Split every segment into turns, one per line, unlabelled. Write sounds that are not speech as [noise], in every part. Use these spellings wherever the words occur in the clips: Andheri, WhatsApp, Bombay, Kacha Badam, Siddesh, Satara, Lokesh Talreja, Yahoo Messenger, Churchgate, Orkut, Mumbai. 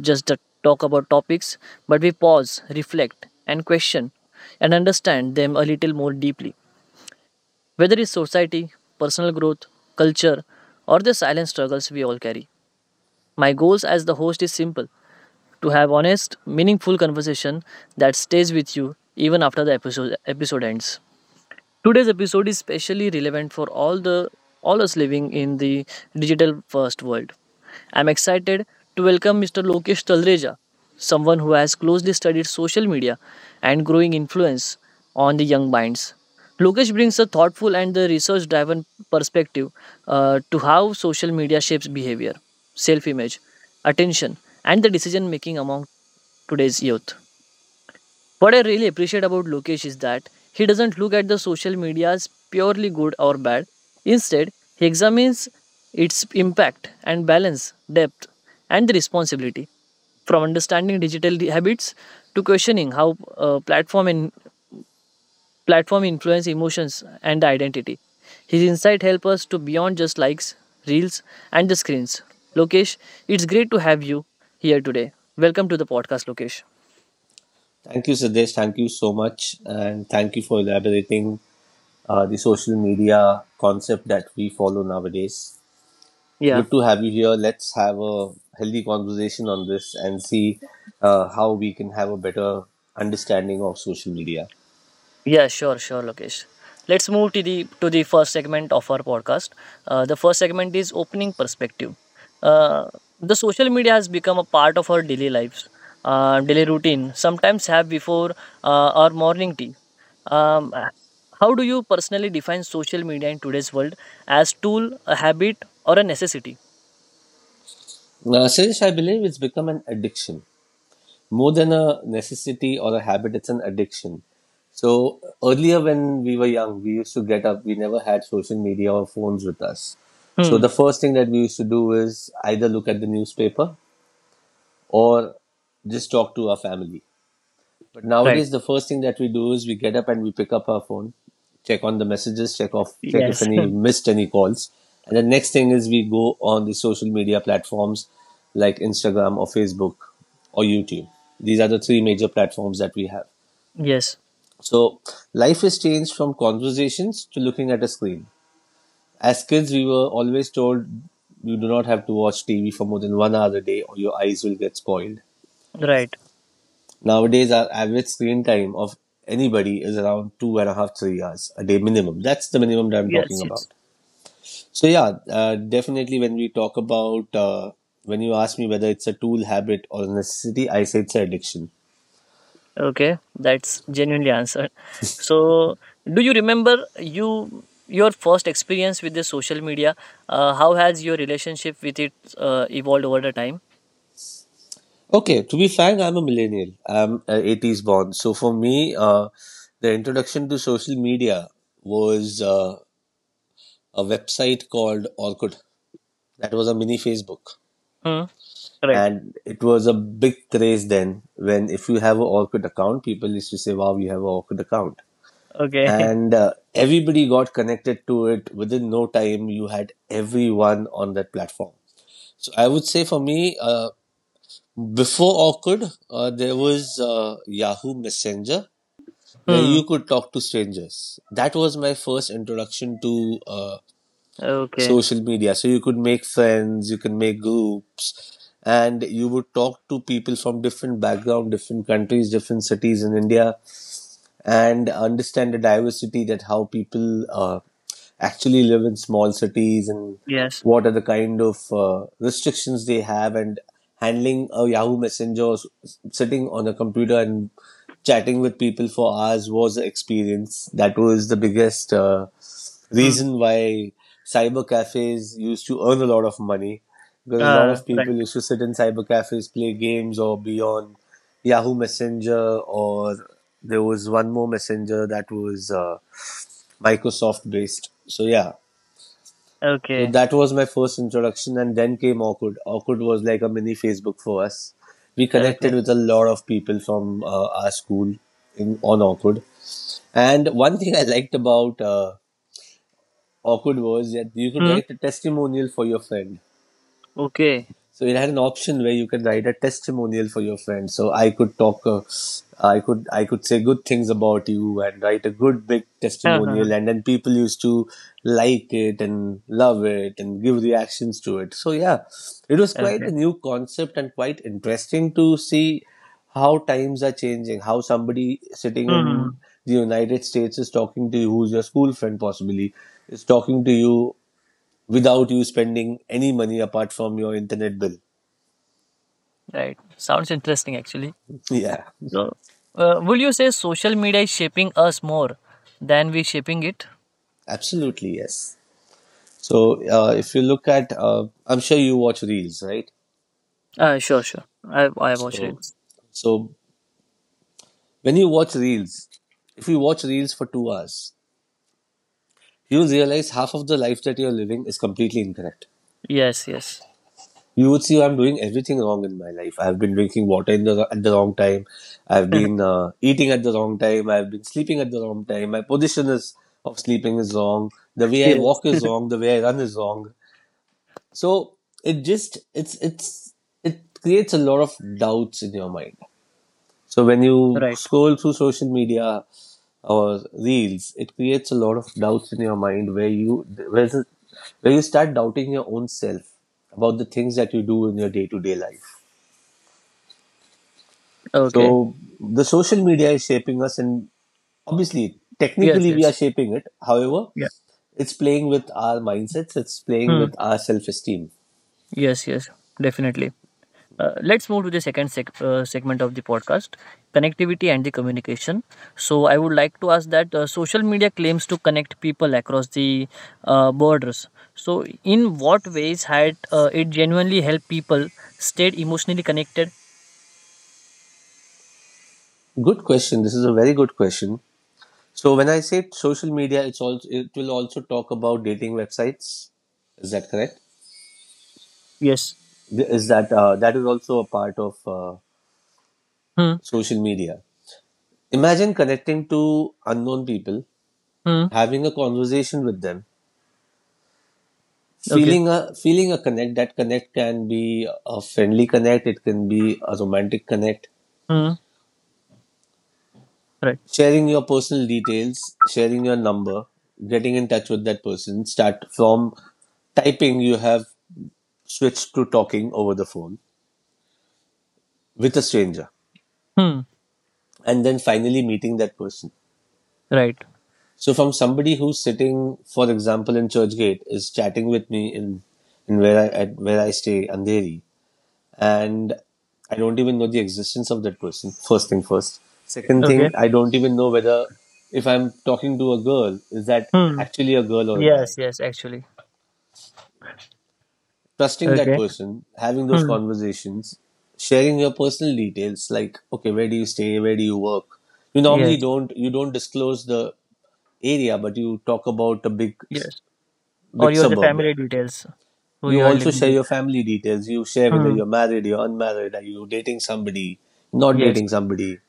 Just Talk about topics, but we pause, reflect, and question and understand them a little more deeply. Whether it's society, personal growth, culture, or the silent struggles we all carry. My goals as the host is simple to have honest, meaningful conversation that stays with you even after the episode ends. Today's episode is specially relevant for all the all us living in the digital first world. I'm excited to welcome Mr. Lokesh Talreja, someone who has closely studied social media and growing influence on the young minds. Lokesh brings a thoughtful and the research-driven perspective to how social media shapes behavior, self-image, attention, and the decision-making among today's youth. What I really appreciate about Lokesh is that he doesn't look at the social media as purely good or bad. Instead, he examines its impact and balance, depth, and the responsibility. From understanding habits to questioning how platform and platform influence emotions and identity. His insight help us to beyond just likes, reels, and the screens. Lokesh, it's great to have you here today. Welcome to the podcast, Lokesh.
Thank you, Siddesh. Thank you so much. And thank you for elaborating the social media concept that we follow nowadays.
Yeah.
Good to have you here. Let's have a healthy conversation on this and see how we can have a better understanding of social media.
Yeah, sure, sure, Lokesh. Let's move to the first segment of our podcast. The first segment is opening perspective. Uh, the social media has become a part of our daily lives, daily routine. Sometimes have before our morning tea. Um, uh, how do you personally define social media in today's world as tool, a habit, or a necessity?
Siddesh, I believe it's become an addiction, more than a necessity or a habit. It's an addiction. So earlier when we were young, we used to get up, we never had social media or phones with us. So
Hmm.
the first thing that we used to do is either look at the newspaper or just talk to our family. But
Right.
nowadays, the first thing that we do is we get up and we pick up our phone, check on the messages, check off, check if
Yes.
any missed any calls, and the next thing is we go on the social media platforms like Instagram or Facebook or YouTube. These are the three major platforms that we have.
[laughs] Yes.
So life has changed from conversations to looking at a screen. As kids, we were always told you do not have to watch TV for more than one hour a day or your eyes will get spoiled.
Right.
Nowadays, our average screen time of anybody is around two and a half, 3 hours a day minimum. That's the minimum that I'm
Yes.
talking
Yes.
about. So yeah, definitely when we talk about when you ask me whether it's a tool, habit, or necessity, I say it's an addiction.
Okay, that's genuinely answered. So, do you remember your first experience with the social media? How has your relationship with it evolved over the time?
Okay, to be frank, I'm a millennial. I'm 80s born. So for me, the introduction to social media was a website called Orkut. That was a mini Facebook.
Hmm. Right.
And it was a big craze then when if you have an Orkut account, people used to say, wow, you have an Orkut account.
Okay.
And everybody got connected to it within no time. You had everyone on that platform. So I would say for me, before Orkut, there was Yahoo Messenger
[laughs]
where you
Hmm.
could talk to strangers. That was my first introduction to
Okay.
social media. So you could make friends, you can make groups, and you would talk to people from different background, different countries, different cities in India and understand the diversity that how people actually live in small cities and
Yes.
what are the kind of restrictions they have, and handling a yahoo messenger or sitting on a computer and chatting with people for hours was an experience. That was the biggest
Hmm.
reason why cyber cafes used to earn a lot of money, because a lot
Ah.
of people
Right.
used to sit in cyber cafes, play games or be on Yahoo Messenger, or there was one more messenger that was Microsoft based. So yeah, so
Okay.
that was my first introduction, and then came Orkut. Orkut was like a mini Facebook for us. We
Okay.
connected with a lot of people from our school in on Orkut. And one thing I liked about Orkut was that you could
Hmm.
write a testimonial for your friend.
Okay. [laughs]
So it had an option where you can write a testimonial for your friend. So I could talk, I could say good things about you and write a good big
Huh, huh,
testimonial, and then people used to like it and love it and give reactions to it. So yeah, it was
huh.
quite
Okay.
a new concept and quite interesting to see how times are changing, how somebody sitting in
Hmm.
the United States is talking to you, who's your school friend possibly, is talking to you without you spending any money apart from your internet bill.
Right. Sounds interesting, actually.
Yeah,
So, will you say social media is shaping us more than we shaping it?
absolutely, yes. So, if you look at, I'm sure you watch reels, right?
Sure, sure. I watch
So,
reels.
so when you watch reels, if you watch reels for 2 hours, you will realize half of the life that you're living is completely incorrect.
Yes, yes.
You would see I'm doing everything wrong in my life. I've been drinking water at the wrong time. I've been
[laughs]
eating at the wrong time. I've been sleeping at the wrong time. My position is of sleeping is wrong. The way I
Yes.
walk is wrong. The way I run is wrong. So it just it's it creates a lot of doubts in your mind. So when you
Right.
scroll through social media or reels, it creates a lot of doubts in your mind, where you start doubting your own self about the things that you do in your day to day life.
Okay.
So the social media is shaping us, and obviously,
Yes,
technically, we are
yes.
shaping it. However,
Yeah.
it's playing with our mindsets. It's playing
Hmm.
with our self esteem.
Yes, yes. Definitely. Let's move to the second segment of the podcast, connectivity and the communication. So I would like to ask that social media claims to connect people across the borders. So in what ways had it genuinely helped people stayed emotionally connected?
Good question. This is a very good question. So when I say social media, it will also talk about dating websites. Is that correct?
Yes.
Th- Is that that is also a part of
Hmm.
social media? Imagine connecting to unknown people,
Hmm.
having a conversation with them,
Okay.
feeling a connect. That connect can be a friendly connect. It can be a romantic connect.
Hmm. Right.
Sharing your personal details, sharing your number, getting in touch with that person. Start from typing. You have switched to talking over the phone with a stranger
Hmm.
and then finally meeting that person.
Right.
So from somebody who's sitting, for example, in Churchgate is chatting with me in where I stay, Andheri, and I don't even know the existence of that person. First thing first. Second
Okay.
thing, I don't even know whether if I'm talking to a girl, is that
Hmm.
actually a girl or a
Yes,
guy?
yes, actually.
Trusting that
Okay.
person, having those
Hmm.
conversations, sharing your personal details, like okay, where do you stay, where do you work? You normally
Yes,
don't you don't disclose the area, but you talk about a big
yes. Or
big
your the
suburb. Yeah.
family details who
You
you are
also
living
share
with.
your family details. You share whether
Hmm.
you're married, you're unmarried, are you dating somebody, not
Yes.
dating somebody,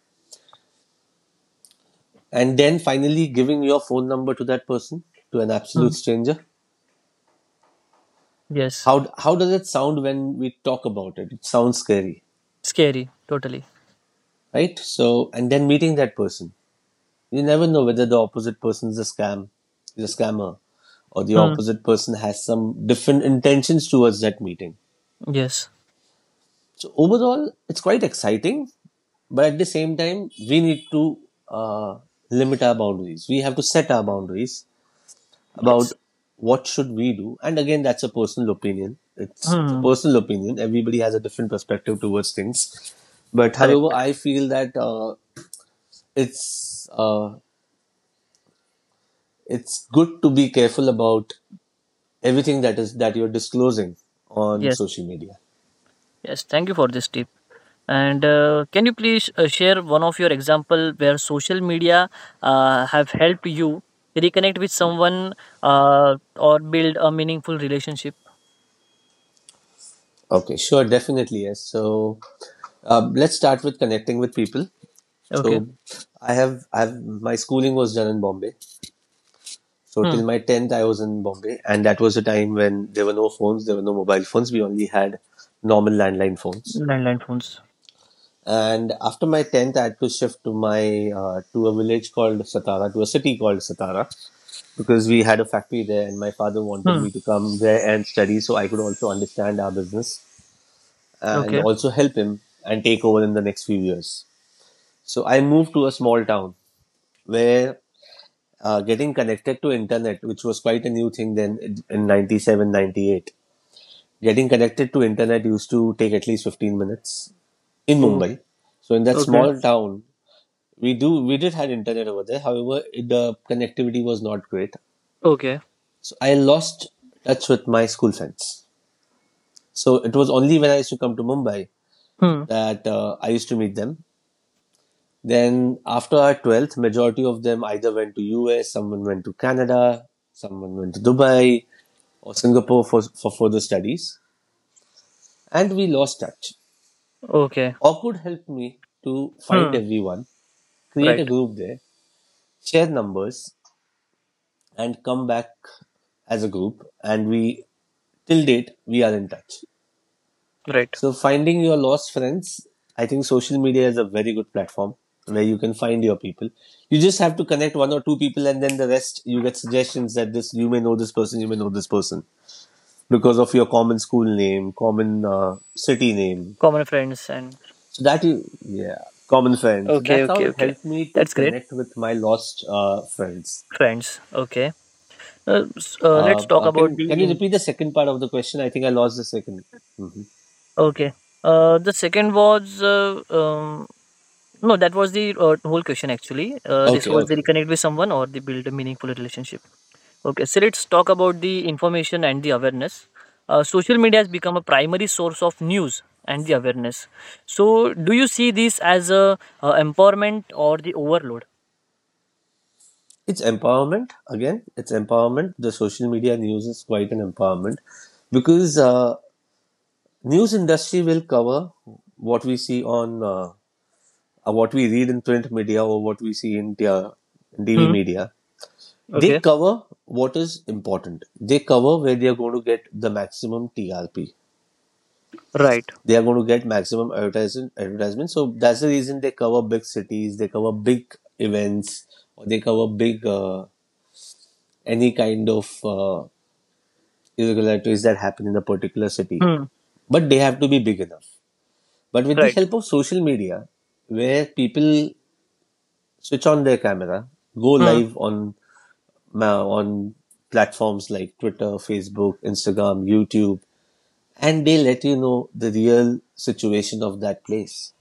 and then finally giving your phone number to that person, to an absolute
Hmm.
stranger.
Yes.
How does it sound when we talk about it? It sounds scary,
Scary. Totally.
right? So and then meeting that person, you never know whether the opposite person is a scam, is a scammer, or the
Hmm.
opposite person has some different intentions towards that meeting.
Yes.
So overall, it's quite exciting, but at the same time, we need to uh, limit our boundaries. We have to set our boundaries
Yes.
about what should we do. And again, that's a personal opinion. It's a
Hmm.
personal opinion. Everybody has a different perspective towards things. But however,
Correct.
I feel that it's uh, it's good to be careful about everything that you're disclosing on
Yes.
social media.
Yes. Thank you for this tip. And can you please share one of your example where social media have helped you reconnect with someone or build a meaningful relationship?
Okay, sure, definitely yes. So let's start with connecting with people.
Okay.
So I have my schooling was done in Bombay. So
Hmm.
till my 10th I was in Bombay, and that was the time when there were no phones, there were no mobile phones, we only had normal landline phones.
Landline phones.
And after my 10th I had to shift to a city called Satara, because we had a factory there and my father wanted
Hmm.
me to come there and study so I could also understand our business and
Okay.
also help him and take over in the next few years. So I moved to a small town where getting connected to internet, which was quite a new thing then in 97, 98. Getting connected to internet used to take at least 15 minutes in
Oh.
Mumbai. So in that
Okay.
small town, we did have internet over there. However, the connectivity was not great.
Okay.
So I lost touch with my school friends. So it was only when I used to come to Mumbai
Hmm.
that I used to meet them. Then after our 12th, majority of them either went to US, someone went to Canada, someone went to Dubai or Singapore for further studies. And we lost touch.
Okay.
Orkut helped me to find
Hmm.
everyone, create a
Right.
group there, share numbers and come back as a group. And we, till date, we are in touch.
Right.
So finding your lost friends, I think social media is a very good platform where you can find your people. You just have to connect one or two people and then the rest you get suggestions that this you may know this person, you may know this person because of your common school name, common city name.
Common friends and
So that you Yeah, common friends. So
okay,
that's how
okay,
it
okay.
helped me to
That's great.
connect with my lost friends.
Friends. Okay.
Uh,
Let's talk
uh,
about
can can
the
you
in.
repeat the second part of the question? I think I lost the 2nd. Mm-hmm.
Okay. The second was No, that was the whole question actually. This
Okay,
was the
okay.
reconnect with someone or the build a meaningful relationship. Okay, so let's talk about the information and the awareness. Social media has become a primary source of news and the awareness. So, do you see this as a, empowerment or the overload?
It's empowerment. Again, it's empowerment. The social media news is quite an empowerment because news industry will cover what we see on what we read in print media or what we see in TV media. They
Okay.
cover what is important. They cover where they are going to get the maximum TRP.
Right.
They are going to get maximum advertisement. So that's the reason they cover big cities. They cover big events. Or they cover big any kind of irregularities that happen in a particular city.
Hmm.
But they have to be big enough. But with the
Right.
help of social media, where people switch on their camera, go
Hmm.
live on platforms like Twitter, Facebook, Instagram, YouTube, and they let you know the real situation of that place.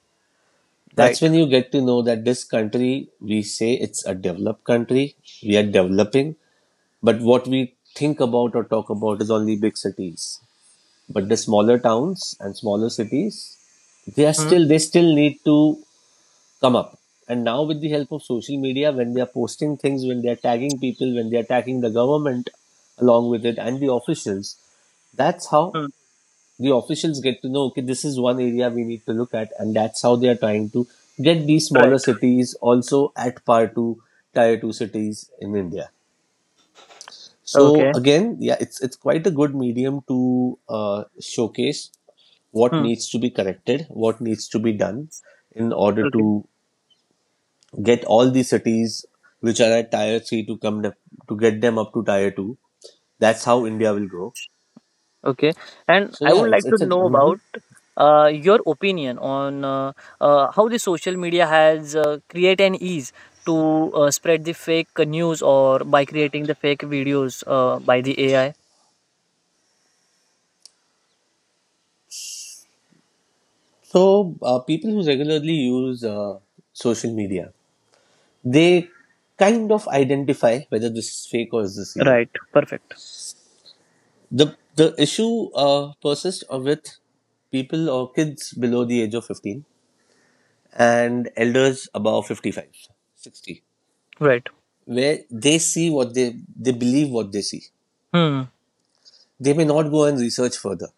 That's
Right.
when you get to know that this country, we say it's a developed country, we are developing, but what we think about or talk about is only big cities. But the smaller towns and smaller cities,
Hmm.
they still need to come up. And now with the help of social media, when they are posting things, when they are tagging people, when they are tagging the government along with it and the officials, that's how
Hmm.
the officials get to know, okay, this is one area we need to look at, and that's how they are trying to get these smaller
Right.
cities also at par to tier 2 cities in India. So
Okay.
again, yeah, it's quite a good medium to showcase what
Hmm.
needs to be corrected, what needs to be done in order
Okay.
to get all the cities which are at tier three to to get them up to tier two. That's how India will grow.
Okay. And
So
I
yeah,
would like to
it's a
know
hmm
about your opinion on how the social media has create an ease to spread the fake news or by creating the fake videos by the AI.
so people who regularly use social media, they kind of identify whether this is fake or is this real.
Right. Perfect.
The the issue persists with people or kids below the age of 15 and elders above 55, 60,
Right.
where they believe what they see.
Hmm.
They may not go and research further.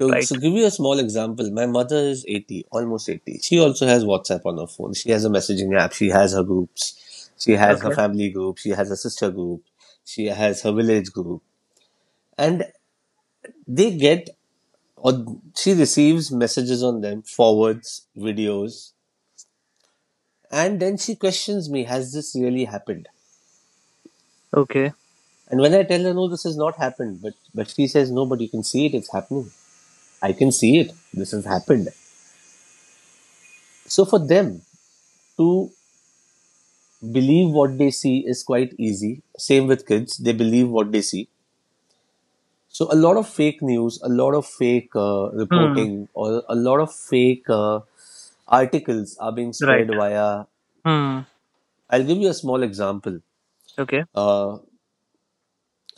So,
Right.
give you a small example, my mother is 80, almost 80. She also has WhatsApp on her phone. She has a messaging app. She has her groups. She has her
Okay.
family group. She has her sister group. She has her village group. And they get, or she receives messages on them, forwards, videos, and then she questions me, has this really happened?
Okay.
And when I tell her, no, this has not happened, but she says, no, but you can see it, it's happening. I can see it. This has happened. So for them to believe what they see is quite easy. Same with kids, they believe what they see. So a lot of fake news, a lot of fake
Hmm.
reporting, or a lot of fake articles are being
Right.
spread via.
Hmm.
I'll give you a small example.
Okay.
Uh,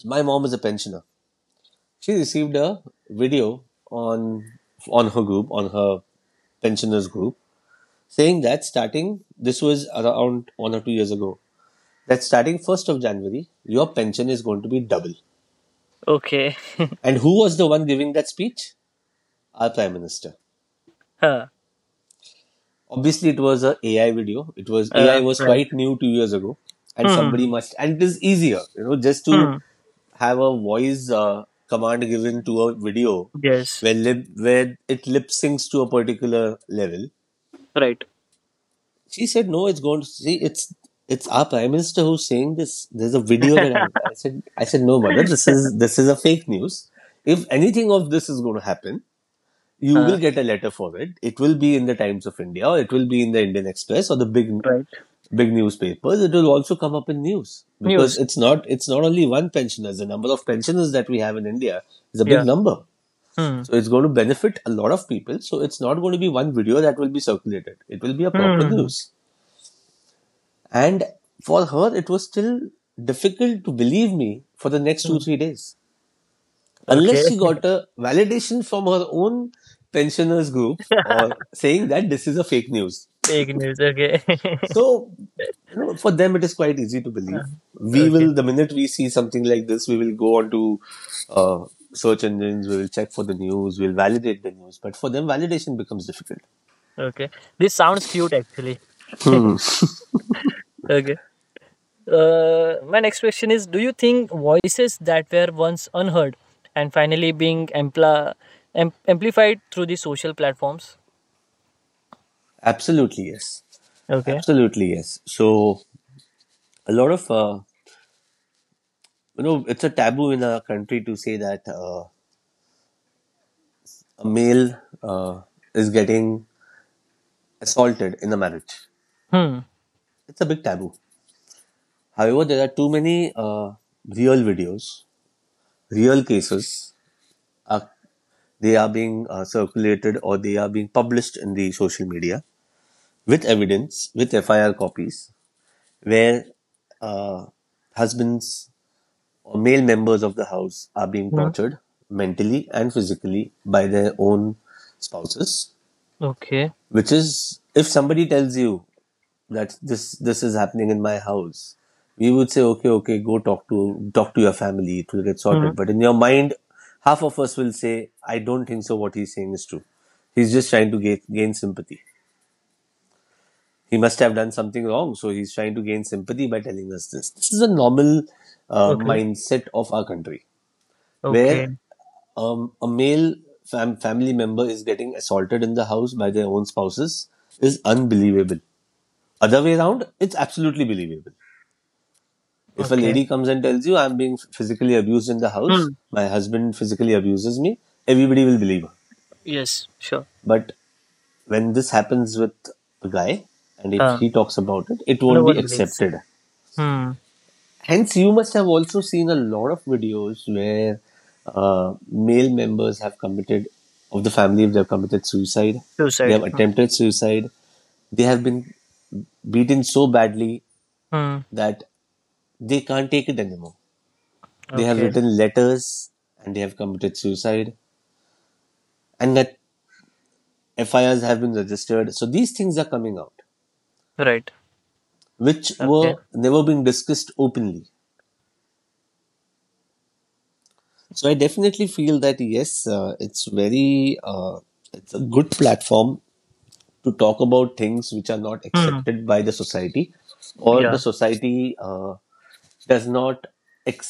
my mom is a pensioner. She received a video on on her group, on her pensioners group, saying that starting, this was around 1 or 2 years ago, that starting January 1st, your pension is going to be double.
Okay. [laughs]
And who was the one giving that speech? Our Prime Minister.
Huh.
Obviously, it was an a AI video. It was, AI
Uh,
was
right.
quite new 2 years ago, and
Hmm.
somebody
Hmm.
must. And it is easier, you know, just to
Hmm.
have a voice command given to a video
Yes.
where it lip syncs to a particular level.
Right.
She said, no, it's going to see, it's our Prime Minister who's saying this, there's a video. that I,
[laughs]
I said, no mother, this is a fake news. If anything of this is going to happen, you will
uh,
get a letter for it. It will be in the Times of India, or it will be in the Indian Express, or the big
right.
big newspapers. It will also come up in news, because
News.
it's not only one pensioners, the number of pensioners that we have in India is a big
Yeah.
number.
Hmm.
So it's going to benefit a lot of people. So it's not going to be one video that will be circulated, it will be a proper
Hmm.
news. And for her, it was still difficult to believe me for the next two,
Hmm.
3 days.
Okay.
Unless she got a validation from her own pensioners group, or
[laughs]
saying that this is a fake news.
Fake news. Okay. [laughs]
So, you know, for them, it is quite easy to
Uh,
believe. We
okay.
will, the minute we see something like this, we will go on to uh, search engines, we will check for the news, we'll validate the news. But for them, validation becomes difficult.
Okay. This sounds cute actually.
Hmm.
[laughs] Okay. My next question is do you think voices that were once unheard and finally being amplified through the social platforms?
Absolutely, yes.
Okay.
Absolutely, yes. So, a lot of you know, it's a taboo in our country to say that a male uh, is getting assaulted in a marriage,
Hmm.
it's a big taboo. However, there are too many real videos, real cases are, they are being circulated, or they are being published in the social media with evidence, with FIR copies, where uh, husbands or male members of the house are being
Hmm.
tortured mentally and physically by their own spouses.
Okay.
Which is, if somebody tells you that this is happening in my house, we would say, okay, okay, go talk to talk to your family. It will get
Hmm.
sorted. But in your mind, half of us will say, I don't think so. What he's saying is true. He's just trying to gain sympathy. He must have done something wrong, so he's trying to gain sympathy by telling us this. This is a normal
Okay.
mindset of our country, where
Okay.
a family member is getting assaulted in the house by their own spouses is unbelievable. Other way around, it's absolutely believable. If a
Okay.
lady comes and tells you, I'm being physically abused in the house,
Hmm.
my husband physically abuses me, everybody will believe her.
Yes, sure.
But when this happens with a guy, and if
Uh,
he talks about it, it
no
won't be
one believes.
accepted.
Hmm.
Hence, you must have also seen a lot of videos where male members have committed, of the family, if they have committed suicide, they
Suicide.
have
Hmm.
attempted suicide, they have been beaten so badly
Hmm.
that they can't take it anymore. They have
Okay.
written letters and they have committed suicide, and that FIRs have been registered. So these things are coming out,
Right.
which
Okay.
were never being discussed openly. So I definitely feel that yes, it's a good platform to talk about things which are not
Hmm.
accepted by the society, or the
Yeah.
society does not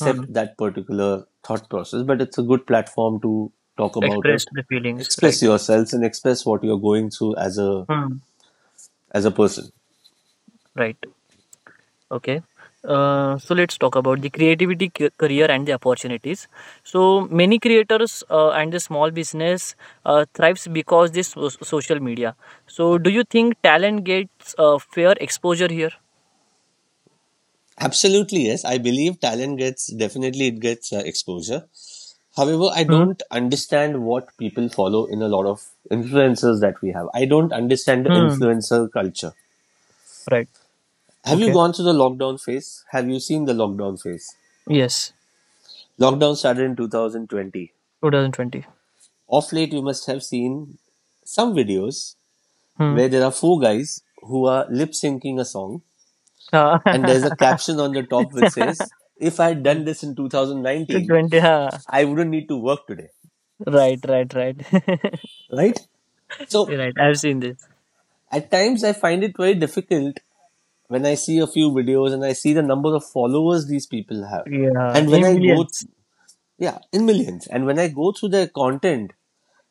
Hmm.
that particular thought process. But it's a good platform to talk about
Express
it,
the feelings. Right.
express yourselves, and express what you're going through
Hmm.
as a person.
Right. Okay. So let's talk about the creativity career and the opportunities. So many creators and the small business thrives because this social media. So do you think talent gets fair exposure here?
Absolutely, yes. I believe talent gets definitely it gets exposure. However, I
Hmm.
don't understand what people follow in a lot of influencers that we have. I don't understand the
Hmm.
influencer culture.
Right.
Have you
Okay.
gone through the lockdown phase? Have you seen the lockdown phase?
Yes,
Lockdown started in 2020.
2020.
Off late, you must have seen some videos
Hmm.
where there are four guys who are lip syncing a song,
Oh.
and there's a
[laughs]
caption on the top which says, if I had done this in
To
2019,
20 huh?
I wouldn't need to work today,
Right, right, right. [laughs]
right?
You're
So
right, I've seen this,
at times I find it very difficult when I see a few videos and I see the number of followers these people have.
yeah,
And when
in
I go,
millions.
yeah, in millions. And when I go through their content,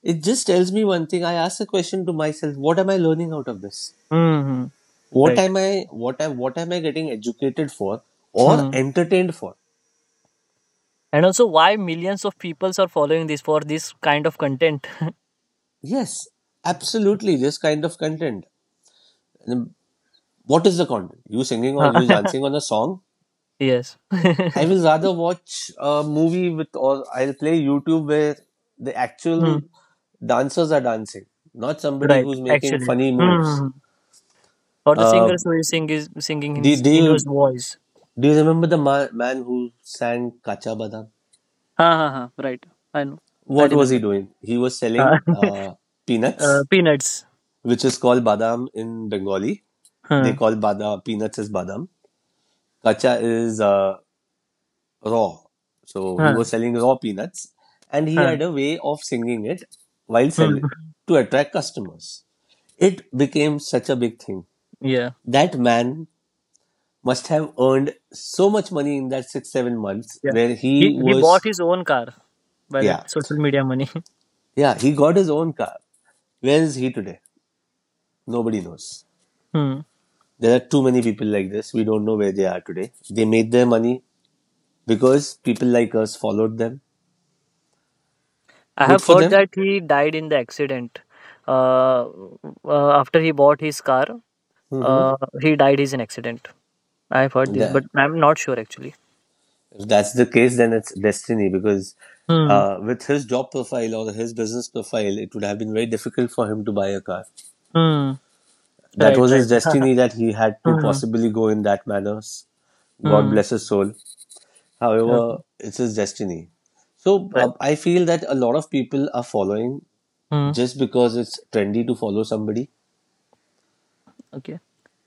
it just tells me one thing. I ask a question to myself: what am I learning out of this?
Hmm.
What
Right.
am I? What am? What am I getting educated for, or
Hmm.
entertained for?
And also why millions of peoples are following this for this kind of content.
Yes, absolutely. This kind of content. What is the content? You singing or
Huh.
you
[laughs]
dancing on a song?
Yes. [laughs]
I will rather watch a movie with, or I'll play YouTube where the
Hmm.
actual dancers are dancing, not somebody
Right
who's making
actually.
funny moves.
Hmm. Or the
Uh,
singers who is sing is singing
do, do
in
you
his voice.
do you remember the man who sang Kacha Badam?
Ha ha ha. Right, I know, I
What was
remember.
he doing? He was
uh,
selling
[laughs]
peanuts,
peanuts.
which is called badam in Bengali. They
Huh.
call badam peanuts as badam. Kacha is raw. So he
Huh.
was selling raw peanuts and he
Huh.
had a way of singing it while
Hmm.
selling to attract customers. It became such a big thing.
[laughs] Yeah.
That man must have earned so much money in that 6, 7 months
Yeah.
where
He
he
he bought
was,
his own car by
yeah,
that social media money. [laughs]
yeah, he got his own car. Where is he today? Nobody knows.
Hmm.
There are too many people like this. We don't know where they are today. They made their money because people like us followed them.
I
Good
have
for
heard
them.
that he died in the accident. Uh, after he bought his car,
Mm-hmm.
he died in an accident. I have heard this,
The,
but I'm not sure actually.
if that's the case, then it's destiny, because
Hmm.
with his job profile or his business profile, it would have been very difficult for him to buy a car.
Hmm.
That
Right.
was
Right.
his
[laughs]
destiny that he had to
Hmm.
possibly go in that manner. God
Hmm.
bless his soul.
Okay.
However, it's his destiny. So
Right.
I feel that a lot of people are following
Hmm.
just because it's trendy to follow somebody.
Okay.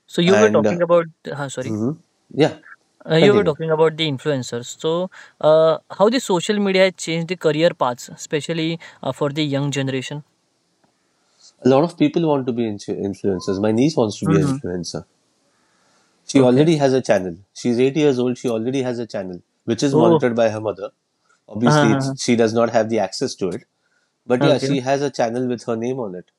So you were
And
talking about. Sorry.
mhm. yeah,
You were
continue.
talking about the influencers. So, how the social media has changed the career paths, especially for the young generation.
A lot of people want to be influencers. My niece wants to be an
Hmm.
influencer. She
Okay.
already has a channel. She's 8 years old. She already has a channel, which is
oh!
monitored by her mother.
हां,
Obviously,
हां, हां.
it's, she does not have the access to it. But yeah,
Okay.
she has a channel with her name on it.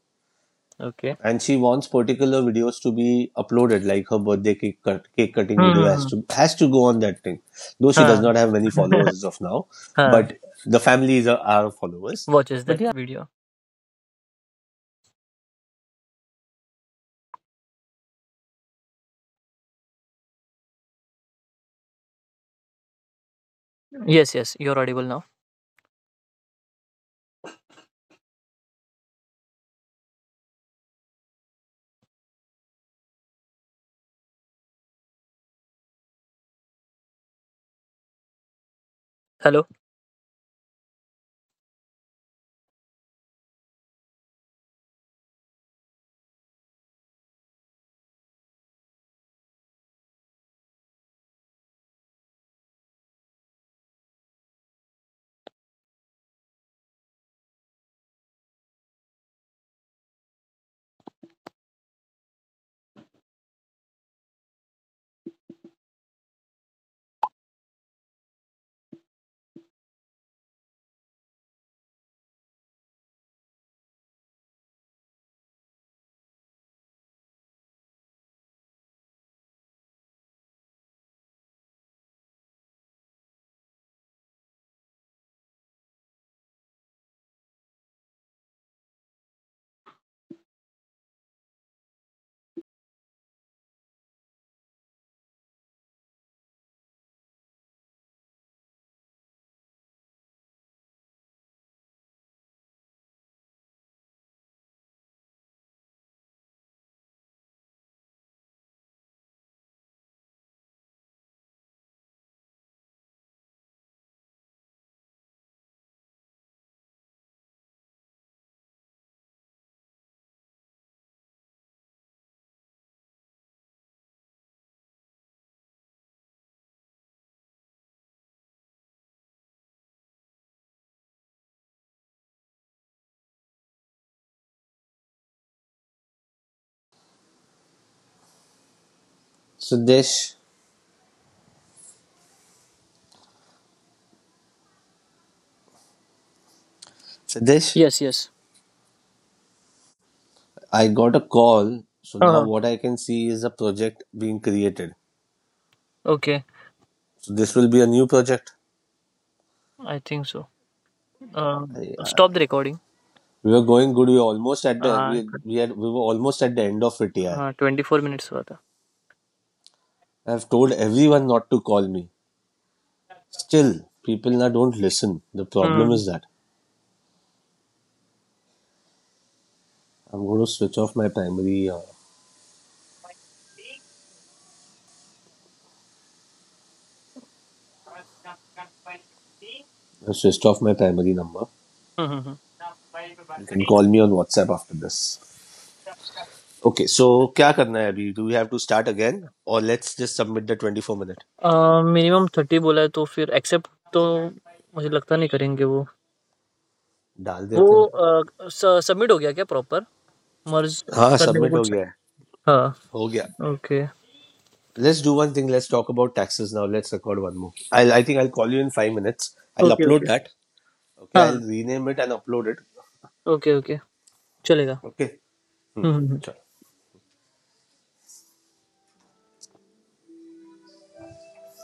Okay.
And she wants particular videos to be uploaded, like her birthday cake, cut, cake cutting
Hmm,
video
hmm, hmm.
has to go on that thing. Though she does
Huh.
not have many followers as of now,
Huh.
but the families are
[laughs]
followers.
Watches
But yeah,
that video. Yes, yes, you're audible now. Hello?
So Dish, Siddesh?
Yes, yes.
I got a call. So now
Uh-huh.
what I can see is a project being created.
Okay,
So this will be a new project.
I think so. Stop the recording.
We were going good. We were almost at the
Uh,
we had we were almost at the end of it. Here.
Twenty four minutes हुआ था
I've told everyone not to call me. Still, people now don't listen. The problem
hmm
is that I'm going to switch off my primary. I've switched off my primary number.
Hmm hmm hmm.
You can call me on WhatsApp after this. Okay, so क्या करना है अभी? Do we have to start again or let's just submit the 24 minute?
Minimum thirty बोला है तो फिर accept तो मुझे लगता नहीं करेंगे वो
डाल देते हैं,
वो सबमिट हो गया क्या प्रॉपर मर्ज
हाँ,
करने का
सबमिट हो
कुछ है?
गया है,
हाँ
हो गया.
Okay
let's do one thing, let's talk about taxes now, let's record one more. I think I call you in five minutes. I
okay
upload
okay
that. Okay,
हाँ
I rename it and upload it.
Okay okay चलेगा
okay
hmm hmm, hmm.
चलो.